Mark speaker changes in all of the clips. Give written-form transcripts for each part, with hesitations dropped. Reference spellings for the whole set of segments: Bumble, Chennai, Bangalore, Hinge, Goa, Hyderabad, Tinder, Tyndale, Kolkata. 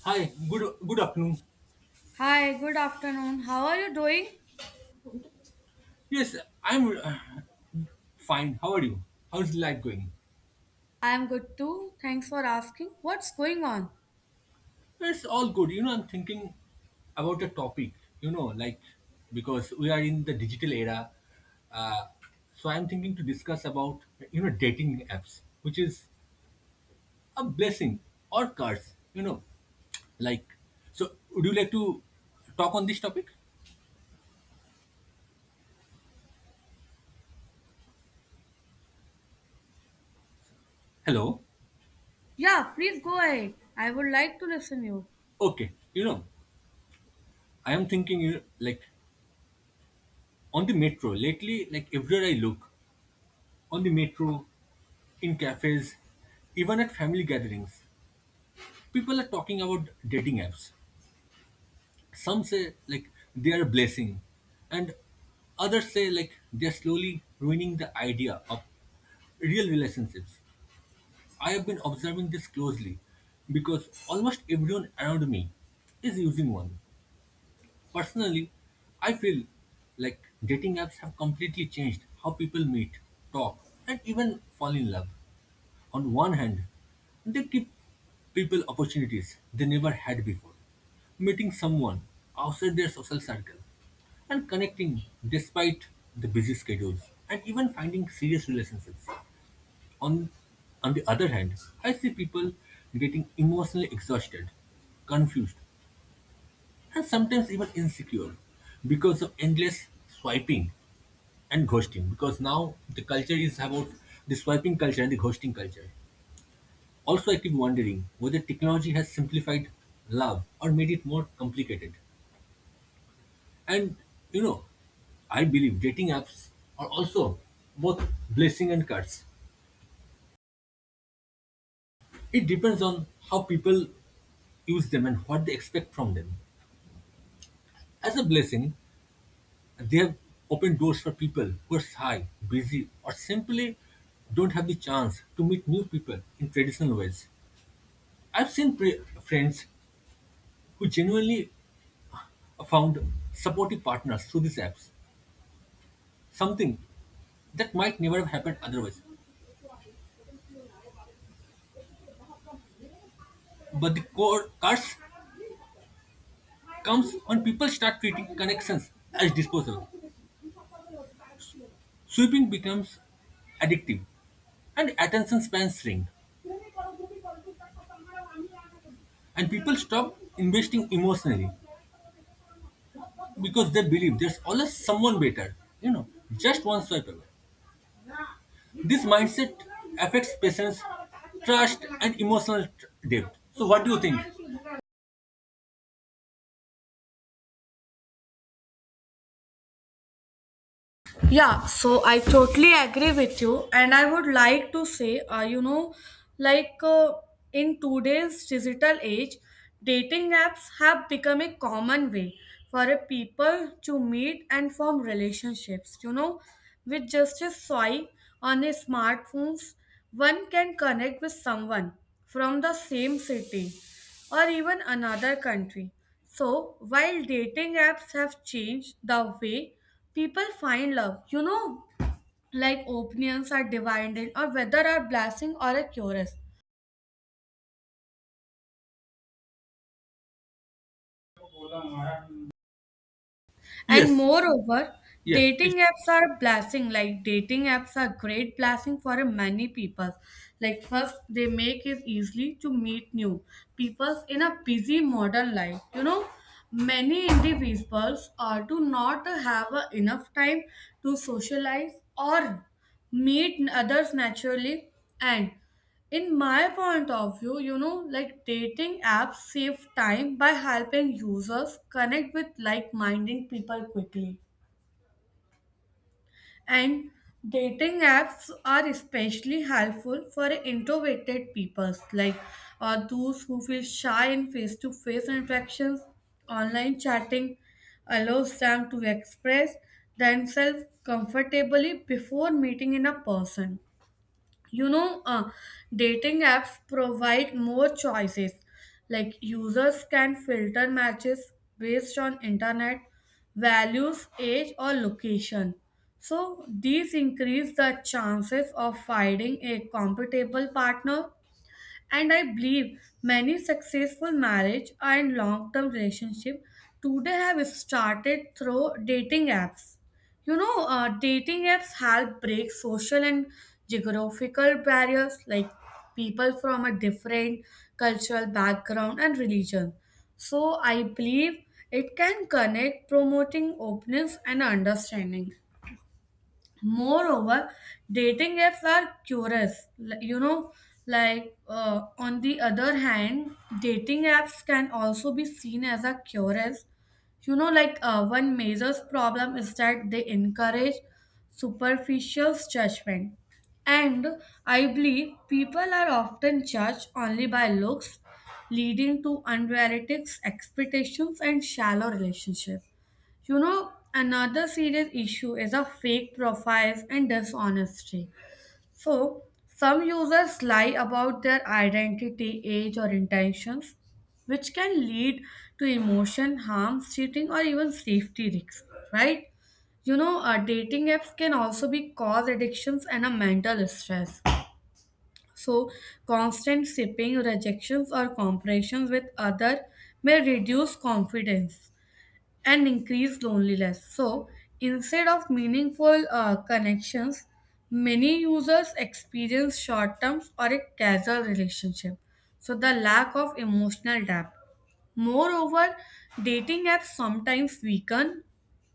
Speaker 1: Hi, good afternoon.
Speaker 2: Hi, good afternoon. How are you doing?
Speaker 1: Yes, I'm fine. How are you? How's life going?
Speaker 2: I am good too. Thanks for asking. What's going on?
Speaker 1: It's all good. I'm thinking about a topic. You know, like because we are in the digital era, uh, so I'm thinking to discuss about dating apps, which is a blessing or curse. Like so. Would you like to talk on this topic? Hello.
Speaker 2: Yeah, please go ahead. I would like to listen you.
Speaker 1: Okay, I am thinking on the metro lately. Like everywhere I look, on the metro, in cafes, even at family gatherings. People are talking about dating apps. Some say like they are a blessing, and others say like they are slowly ruining the idea of real relationships. I have been observing this closely because almost everyone around me is using one. Personally, I feel like dating apps have completely changed how people meet, talk, and even fall in love. On one hand, they give people opportunities they never had before, meeting someone outside their social circle and connecting despite the busy schedules and even finding serious relationships. On, on the other hand, I see people getting emotionally exhausted, confused, and sometimes even insecure because of endless swiping and ghosting. Because now the culture is about the swiping culture and the ghosting culture. Also, I keep wondering whether technology has simplified love or made it more complicated. And you know, I believe dating apps are also both blessing and curse. It depends on how people use them and what they expect from them. As a blessing, they have opened doors for people who are shy, busy, or simply don't have the chance to meet new people in traditional ways. I've seen friends who genuinely found supportive partners through these apps. Something that might never have happened otherwise. But the core curse comes when people start treating connections as disposable. Sweeping becomes addictive and attention spans shrink. And people stop investing emotionally because they believe there's always someone better, just one swipe away. This mindset affects patience, trust, and emotional depth. So, what do you think?
Speaker 2: Yeah, so I totally agree with you, and I would like to say, you know, like uh, in today's digital age, dating apps have become a common way for a people to meet and form relationships. You know, with just a swipe on a smartphones, one can connect with someone from the same city or even another country. So, while dating apps have changed the way people find love, you know, like opinions are divided or whether are blessing or a curse. And
Speaker 1: Yes,
Speaker 2: moreover,
Speaker 1: yes, please.
Speaker 2: dating apps are a blessing. Like dating apps are great blessing for many people. Like first, they make it easily to meet new people in a busy modern life. You know, many individuals are do not have a enough time to socialize or meet others naturally and in my point of view, you know, like dating apps save time by helping users connect with like minded people quickly. And dating apps are especially helpful for introverted peoples, like those who feel shy in face to face interactions. Online chatting allows them to express themselves comfortably before meeting in a person. you know uh, Dating apps provide more choices, like users can filter matches based on internet values, age or location, so these increase the chances of finding a compatible partner. And I believe many successful marriage and long-term relationship today have started through dating apps. You know, dating apps help break social and geographical barriers, like people from a different cultural background and religion. So I believe it can connect promoting openness and understanding. Moreover, dating apps are curious. You know, on the other hand, dating apps can also be seen as a curious. You know, one major problem is that they encourage superficial judgment. And I believe people are often judged only by looks, leading to unrealistic expectations and shallow relationships. You know, another serious issue is of fake profiles and dishonesty. So, some users lie about their identity, age, or intentions, which can lead to emotion harm, cheating, or even safety risks, right? You know, dating apps can also be cause addictions and a mental stress. So, constant shipping, rejections, or comparisons with other may reduce confidence and increased loneliness. So, instead of meaningful connections, many users experience short terms or a casual relationship. So, the lack of emotional depth. Moreover, dating apps sometimes weaken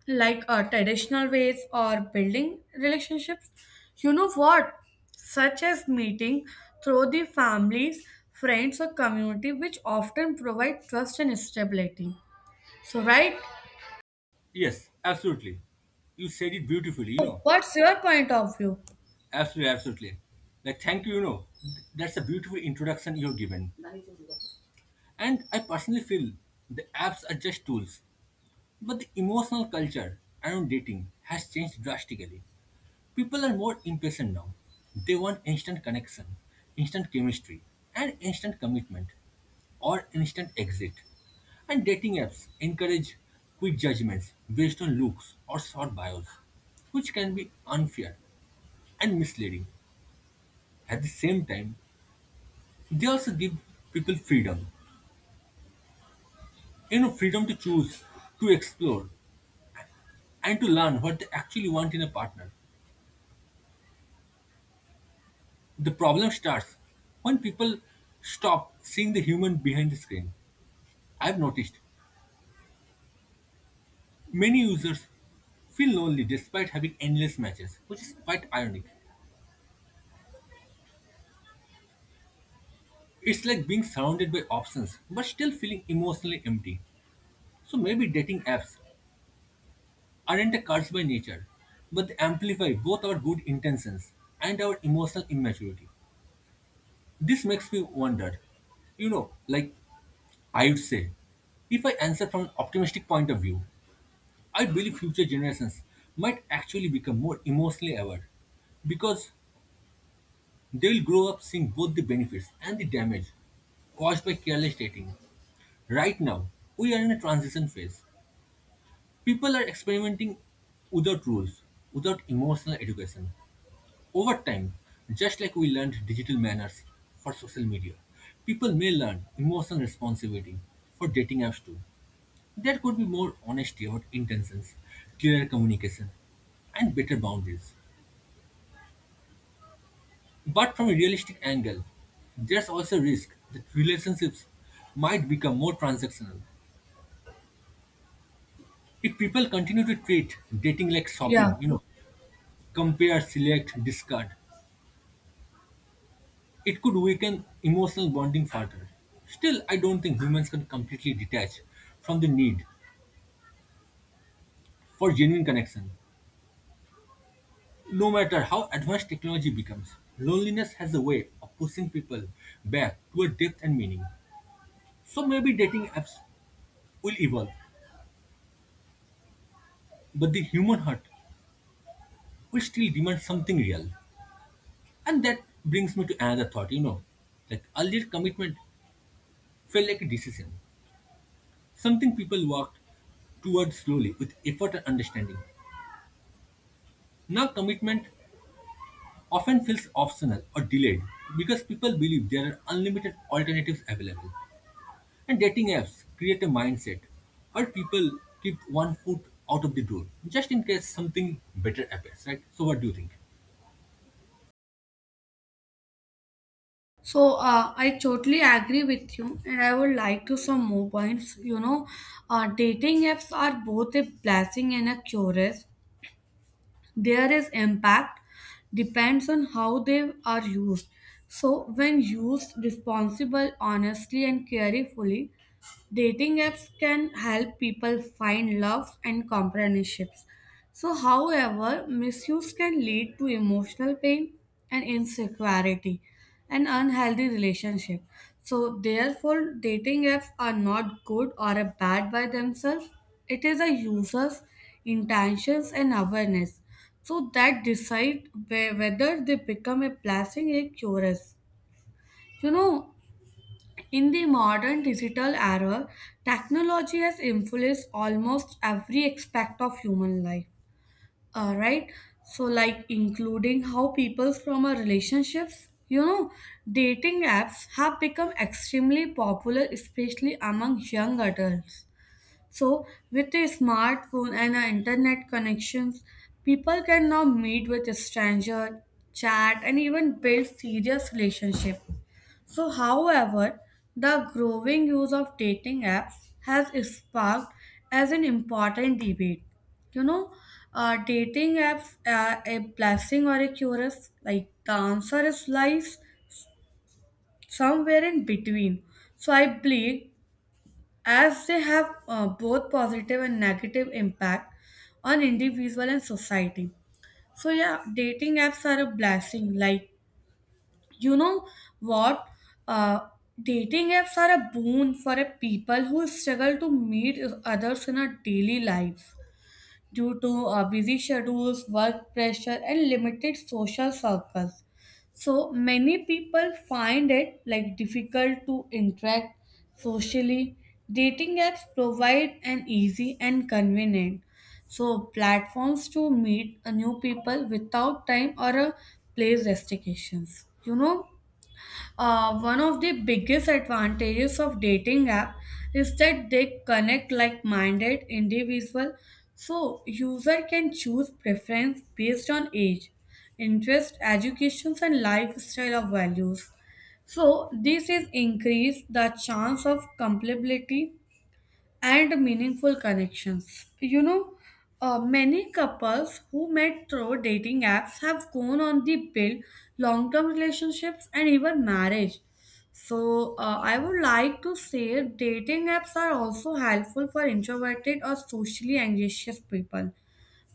Speaker 2: traditional ways or building relationships. You know what? Such as meeting through the families, friends, or community, which often provide trust and stability. So, right?
Speaker 1: Yes, absolutely. You said it beautifully, you
Speaker 2: So
Speaker 1: know.
Speaker 2: what's your point of view?
Speaker 1: Absolutely, absolutely. Like, thank you, you know. That's a beautiful introduction you have given. And I personally feel the apps are just tools, but the emotional culture around dating has changed drastically. People are more impatient now. They want instant connection, instant chemistry, and instant commitment, or instant exit. And dating apps encourage quick judgments based on looks or short bios, which can be unfair and misleading. At the same time, they also give people freedom. Freedom to choose, to explore, and to learn what they actually want in a partner. The problem starts when people stop seeing the human behind the screen. I've noticed many users feel lonely despite having endless matches, which is quite ironic. It's like being surrounded by options but still feeling emotionally empty. So maybe dating apps aren't a curse by nature, but they amplify both our good intentions and our emotional immaturity. This makes me wonder, you know, like I would say, if I answer from an optimistic point of view, I believe future generations might actually become more emotionally aware because they will grow up seeing both the benefits and the damage caused by careless dating. Right now, we are in a transition phase. People are experimenting without rules, without emotional education. Over time, just like we learned digital manners for social media, people may learn emotional responsibility for dating apps too. There could be more honesty about intentions, clearer communication, and better boundaries. But from a realistic angle, there's also risk that relationships might become more transactional. If people continue to treat dating like
Speaker 2: Yeah.
Speaker 1: shopping, compare, select, discard, it could weaken emotional bonding further. Still, I don't think humans can completely detach from the need for genuine connection. No matter how advanced technology becomes, loneliness has a way of pushing people back toward depth and meaning. So maybe dating apps will evolve, but the human heart will still demand something real. And that brings me to another thought. Like earlier commitment felt like a decision. Something people walked towards slowly with effort and understanding. Now commitment often feels optional or delayed because people believe there are unlimited alternatives available. And dating apps create a mindset where people keep one foot out of the door just in case something better appears, right? So, what do you think?
Speaker 2: So I totally agree with you, and I would like to some more points. You know, dating apps are both a blessing and a curse. There is impact depends on how they are used. So when used responsible, honestly, and carefully, dating apps can help people find love and companionships. So, however, misuse can lead to emotional pain and insecurity and unhealthy relationship. So, therefore, dating apps are not good or a bad by themselves. It is a user's intentions and awareness. So that decide whether they become a blessing or a curse. You know, in the modern digital era, technology has influenced almost every aspect of human life. All right, so like including how people from our relationships. You know, dating apps have become extremely popular, especially among young adults. So, with a smartphone and our internet connections, people can now meet with a stranger, chat, and even build serious relationships. So, however, the growing use of dating apps has sparked as an important debate. You know, dating apps are a blessing or a curse? Like the answer is lies somewhere in between. So I believe as they have both positive and negative impact on individual and society. So yeah, dating apps are a blessing. Like you know what uh, Dating apps are a boon for a people who struggle to meet others in our daily lives due to busy schedules, work pressure and limited social circles, so many people find it like difficult to interact socially. Dating apps provide an easy and convenient so platforms to meet a new people without time or a place restrictions. One of the biggest advantages of dating app is that they connect like-minded individual, so user can choose preference based on age, interest, educations and lifestyle of values. So this is increase the chance of compatibility and meaningful connections. You know, many couples who met through dating apps have gone on to build long term relationships and even marriage. So, I would like to say dating apps are also helpful for introverted or socially anxious people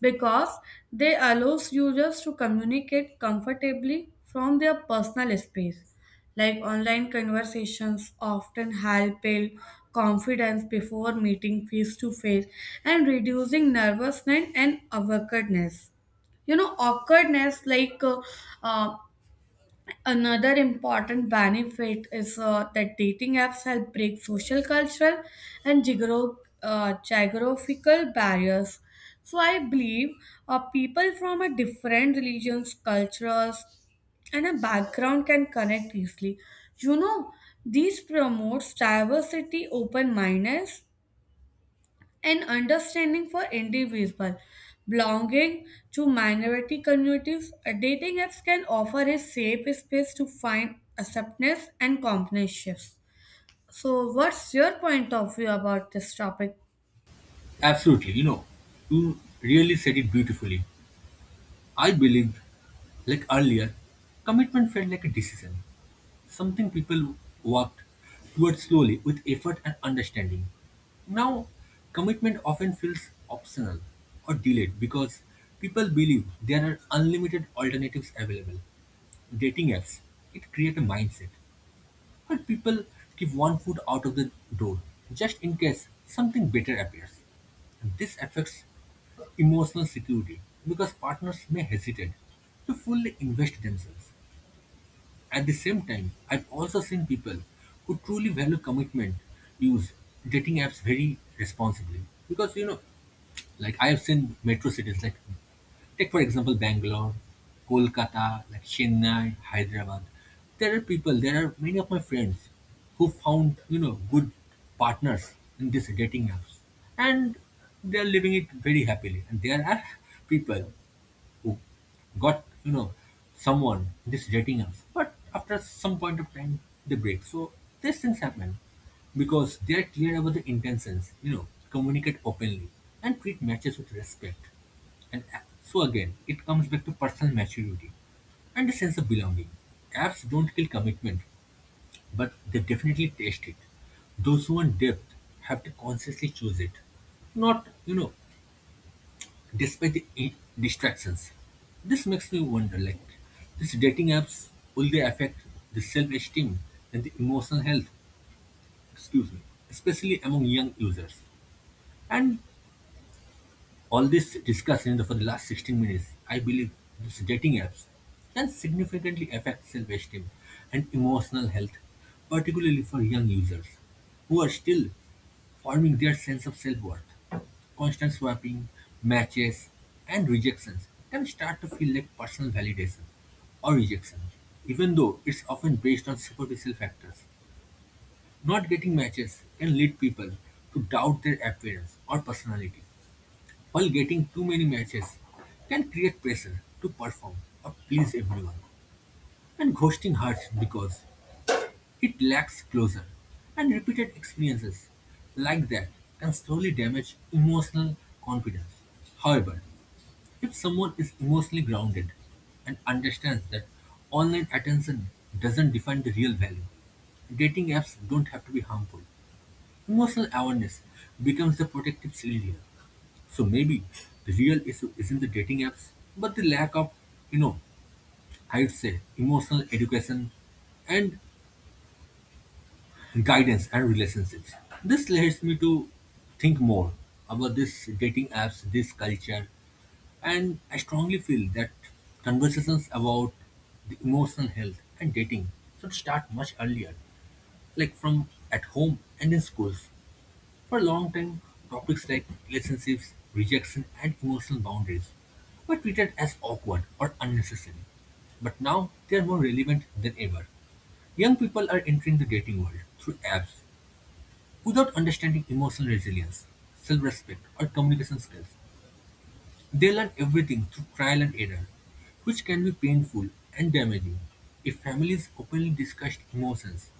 Speaker 2: because they allows users to communicate comfortably from their personal space. Like online conversations often help build confidence before meeting face to face and reducing nervousness and awkwardness. you know awkwardness like uh, uh, Another important benefit is that dating apps help break social, cultural, and geographical barriers. So I believe people from a different religions, cultures, and a background can connect easily. You know, these promotes diversity, open mindedness, and understanding for individual belonging to minority communities. A dating apps can offer a safe space to find acceptance and companionship. So what's your point of view about this topic?
Speaker 1: Absolutely, you really said it beautifully. I believed, like earlier, commitment felt like a decision. Something people worked toward slowly with effort and understanding. Now, commitment often feels optional or delayed because people believe there are unlimited alternatives available. Dating apps, it creates a mindset where people keep one foot out of the door just in case something better appears. And this affects emotional security because partners may hesitate to fully invest themselves. At the same time, I've also seen people who truly value commitment use dating apps very responsibly. Because, like I have seen metro cities like take for example Bangalore, Kolkata, like Chennai, Hyderabad. There are people, there are many of my friends who found, good partners in these dating apps. And they are living it very happily. And there are people who got someone just dating us, but after some point of time they break. So these things happen because they are clear about the intentions, communicate openly and treat matches with respect. And so again it comes back to personal maturity and a sense of belonging. Apps don't kill commitment, but they definitely taste it. Those who want depth have to consciously choose it, not, despite the distractions. This makes me wonder like these dating apps, will they affect the self-esteem and the emotional health, excuse me, especially among young users. And all this discussion for the last 16 minutes, I believe these dating apps can significantly affect self-esteem and emotional health, particularly for young users who are still forming their sense of self-worth. Constant swapping, matches, and rejections can start to feel like personal validation or rejection, even though it's often based on superficial factors. Not getting matches can lead people to doubt their appearance or personality, while getting too many matches can create pressure to perform or please everyone. And ghosting hurts because it lacks closure, and repeated experiences like that can slowly damage emotional confidence. However, if someone is emotionally grounded and understands that online attention doesn't define the real value, dating apps don't have to be harmful. Emotional awareness becomes the protective shield here. So maybe the real issue isn't the dating apps, but the lack of, you know, I'd say emotional education and guidance and relationships. This leads me to think more about this dating apps, this culture, and I strongly feel that conversations about the emotional health and dating should start much earlier, like from at home and in schools. For a long time, topics like relationships, rejection, and emotional boundaries were treated as awkward or unnecessary. But now they are more relevant than ever. Young people are entering the dating world through apps without understanding emotional resilience, self-respect, or communication skills. They learn everything through trial and error, which can be painful and damaging. If families openly discussed emotions,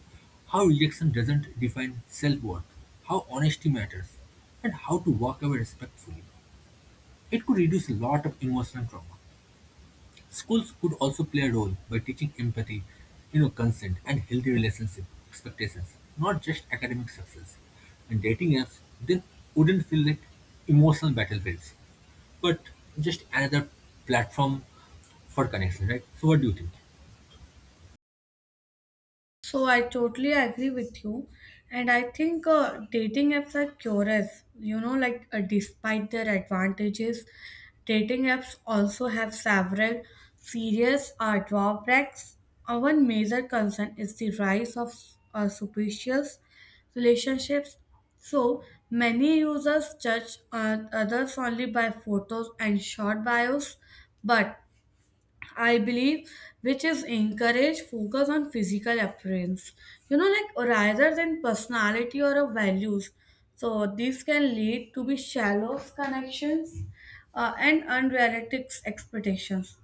Speaker 1: how rejection doesn't define self-worth, how honesty matters, and how to walk away respectfully, it could reduce a lot of emotional trauma. Schools could also play a role by teaching empathy, consent and healthy relationship expectations, not just academic success. And dating apps then wouldn't feel like emotional battlefields, but just another platform for connection, right? So what do you think?
Speaker 2: So I totally agree with you, and I think dating apps are curious. You know, despite their advantages, dating apps also have several serious drawbacks. One major concern is the rise of superficial relationships. So many users judge others only by photos and short bios, but I believe, which is encourage focus on physical appearance, you know, like rather than personality or of values. So this can lead to be shallow connections and unrealistic expectations.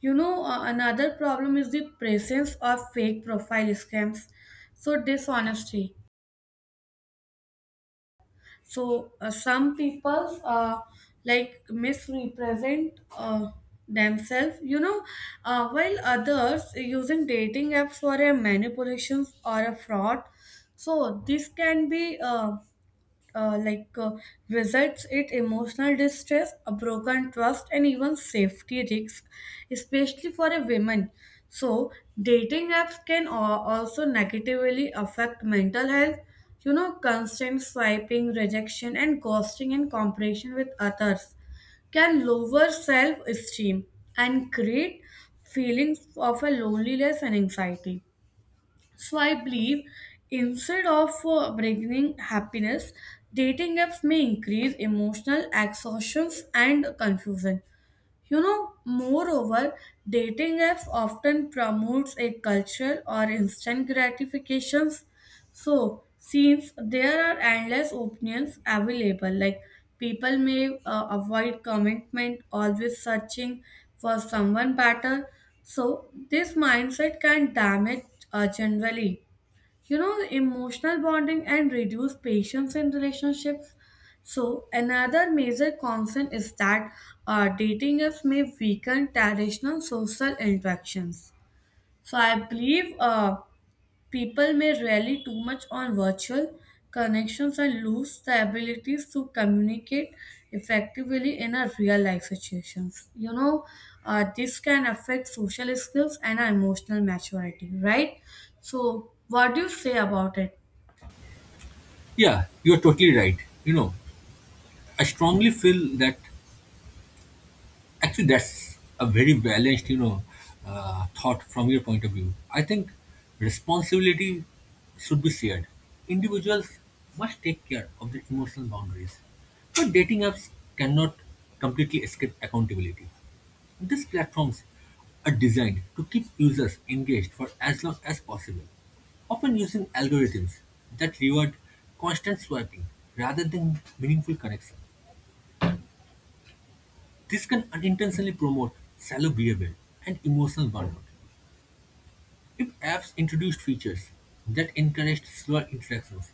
Speaker 2: You know, another problem is the presence of fake profile scams. So dishonesty. So some people like misrepresent themselves. While others using dating apps for a manipulations or a fraud, so this can be uh, like uh, visits it emotional distress, a broken trust, and even safety risk, especially for a woman. So, dating apps can also negatively affect mental health. You know, constant swiping, rejection, and ghosting in comparison with others can lower self esteem and create feelings of a loneliness and anxiety. So I believe instead of bringing happiness, dating apps may increase emotional exhaustions and confusion. You know, moreover, dating apps often promotes a culture or instant gratifications. So, since there are endless opinions available, like people may avoid commitment, always searching for someone better. So, this mindset can damage generally you know the emotional bonding and reduce patience in relationships. So another major concern is that dating apps may weaken traditional social interactions. So I believe people may rely too much on virtual connections and lose the abilities to communicate effectively in a real life situations. You know, this can affect social skills and our emotional maturity, right? So, what do you say about it?
Speaker 1: Yeah, you're totally right. You know, I strongly feel that. Actually, that's a very balanced, thought from your point of view. I think responsibility should be shared. Individuals must take care of their emotional boundaries. But dating apps cannot completely escape accountability. These platforms are designed to keep users engaged for as long as possible, often using algorithms that reward constant swiping rather than meaningful connection. This can unintentionally promote shallow behavior and emotional burnout. If apps introduced features that encouraged slower interactions,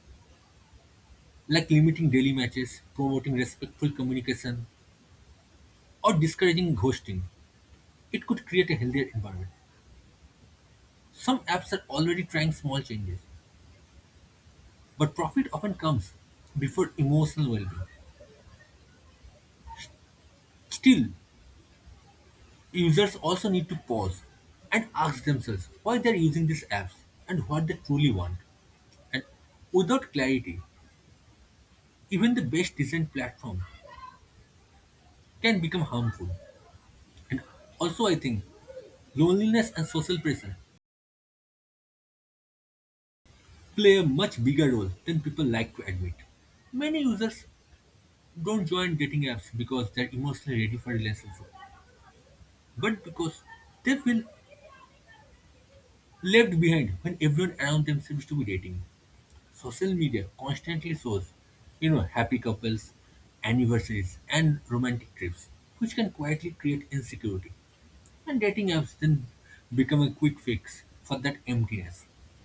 Speaker 1: like limiting daily matches, promoting respectful communication, or discouraging ghosting, it could create a healthier environment. Some apps are already trying small changes, but profit often comes before emotional well being. Still, users also need to pause and ask themselves why they're using these apps and what they truly want. And without clarity, even the best decent platform can become harmful. And also, I think loneliness and social pressure play a much bigger role than people like to admit. Many users don't join dating apps because they're emotionally ready for relationship, but because they feel left behind when everyone around them seems to be dating. Social media constantly shows, happy couples, anniversaries, and romantic trips, which can quietly create insecurity. And dating apps then become a quick fix for that emptiness,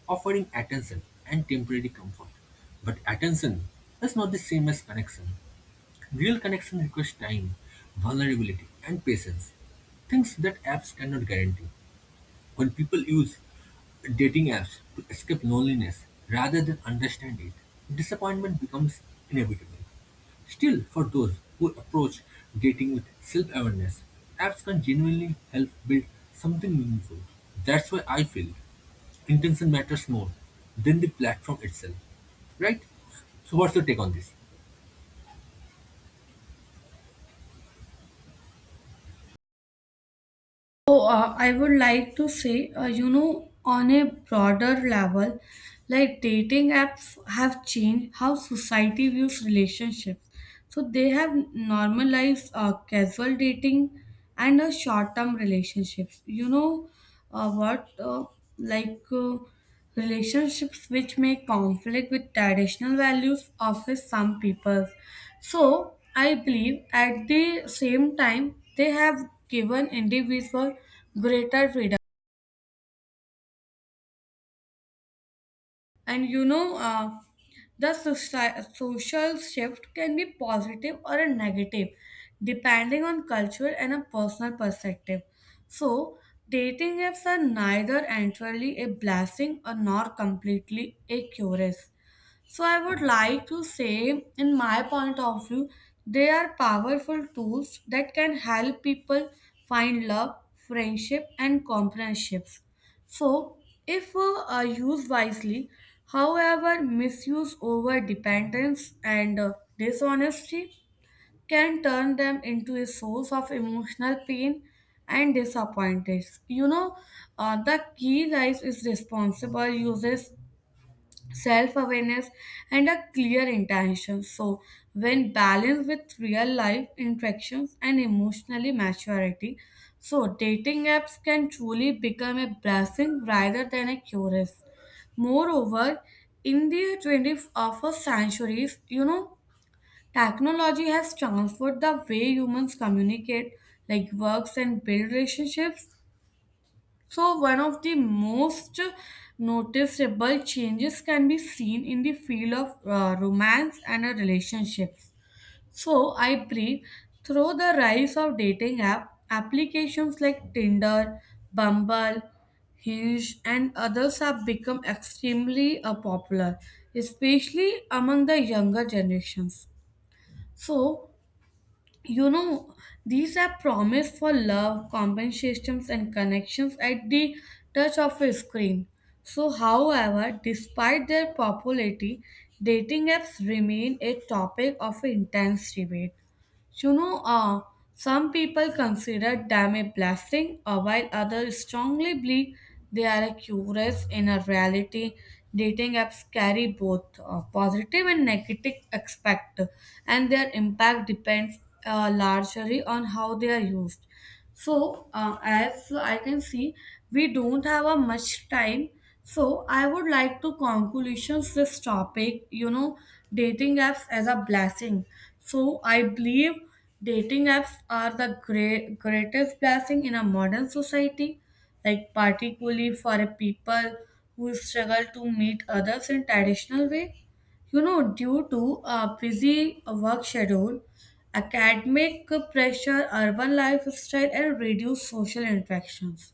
Speaker 1: offering attention and temporary comfort. But attention is not the same as connection. Real connection requires time, vulnerability, and patience, things that apps cannot guarantee. When people use dating apps to escape loneliness rather than understand it, disappointment becomes inevitable. Still, for those who approach dating with self awareness, apps can genuinely help build something meaningful. That's why I feel intention matters more than the platform itself. Right? So, what's your take on this?
Speaker 2: So I would like to say, you know, on a broader level, like dating apps have changed how society views relationships. So they have normalized casual dating and short-term relationships. You know, what like. Relationships which may conflict with traditional values of some people. So I believe at the same time they have given individual greater freedom. And you know, the social shift can be positive or a negative depending on culture and a personal perspective. So dating apps are neither entirely a blessing or nor completely a curse. So I would like to say, in my point of view, they are powerful tools that can help people find love, friendship, and companionships. So, if used wisely, however, misuse over dependence and dishonesty can turn them into a source of emotional pain and disappointments. You know, the key lies is responsible uses, self awareness, and a clear intention. So, when balanced with real life interactions and emotionally maturity, so dating apps can truly become a blessing rather than a curse. Moreover, in the 21st century, you know, technology has transformed the way humans communicate, like works and build relationships. So, one of the most noticeable changes can be seen in the field of romance and relationships. So, I believe through the rise of dating app applications like Tinder, Bumble, Hinge, and others have become extremely popular, especially among the younger generations. So, you know these are promised for love compensations and connections at the touch of a screen. So however, despite their popularity, dating apps remain a topic of intense debate. You know, some people consider them a blessing, while others strongly believe they are a curse in a reality. Dating apps carry both positive and negative aspect, and their impact depends largely on how they are used. So, as I can see, we don't have a much time. So, I would like to conclusions this topic. You know, dating apps as a blessing. So, I believe dating apps are the greatest blessing in a modern society, like particularly for a people who struggle to meet others in traditional way. You know, due to a busy work schedule, academic pressure, urban lifestyle, and reduced social interactions.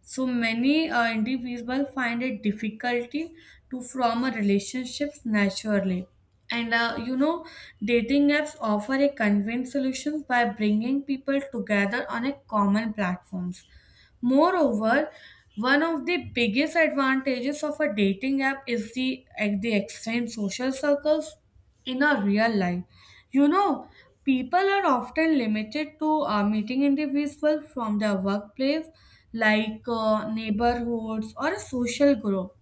Speaker 2: So many individuals find it difficulty to form a relationships naturally. And you know, dating apps offer a convenient solution by bringing people together on a common platforms. Moreover, one of the biggest advantages of a dating app is the extended social circles in a real life. You know, people are often limited to meeting individuals from their workplace, like neighborhoods or a social group.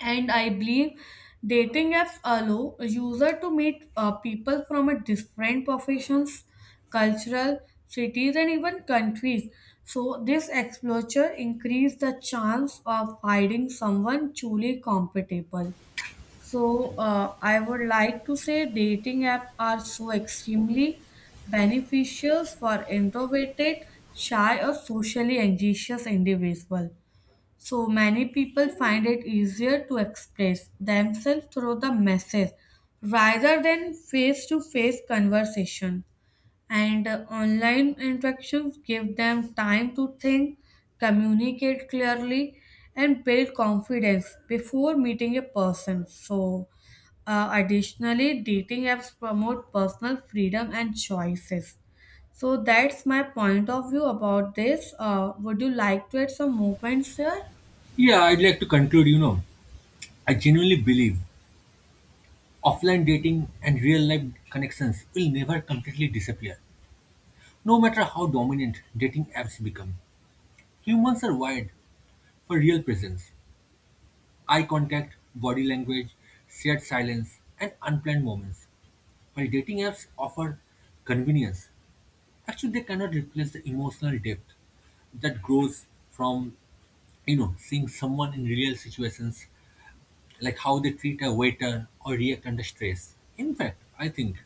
Speaker 2: And I believe dating apps allow a user to meet people from a different professions, cultural cities, and even countries. So this exposure increase the chance of finding someone truly compatible. So, I would like to say dating apps are so extremely beneficial for introverted, shy, or socially anxious individuals. So many people find it easier to express themselves through the message rather than face-to-face conversation. And online interactions give them time to think, communicate clearly, and build confidence before meeting a person. So, additionally, dating apps promote personal freedom and choices. So, that's my point of view about this. Would you like to add some more points here?
Speaker 1: Yeah, I'd like to conclude. I genuinely believe offline dating and real life connections will never completely disappear. No matter how dominant dating apps become, humans are wired for real presence, eye contact, body language, shared silence, and unplanned moments. While dating apps offer convenience, actually they cannot replace the emotional depth that grows from seeing someone in real situations, like how they treat a waiter or react under stress. In fact, I think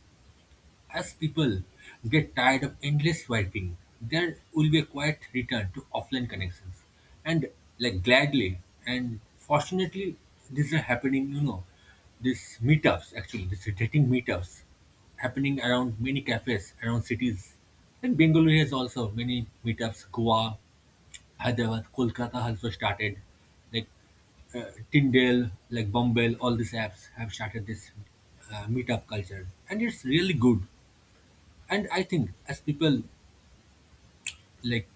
Speaker 1: as people get tired of endless swiping, there will be a quiet return to offline connections. And like gladly and fortunately, these are happening, these meetups actually, these dating meetups happening around many cafes, around cities. And Bengaluru has also many meetups, Goa, Hyderabad, Kolkata also started. Like Tyndale, like Bumble, all these apps have started this meetup culture, and it's really good. And I think as people like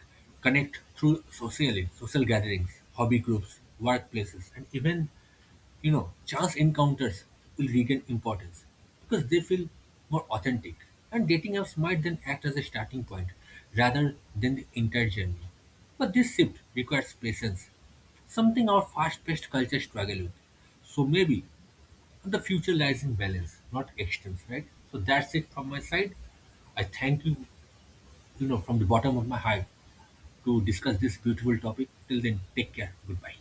Speaker 1: connect through socially, social gatherings, hobby groups, workplaces, and even chance encounters will regain importance because they feel more authentic. And dating apps might then act as a starting point rather than the entire journey. But this shift requires patience, something our fast-paced culture struggle with. So maybe the future lies in balance, not extremes, right? So that's it from my side. I thank you, from the bottom of my heart to discuss this beautiful topic. Till then, take care. Goodbye.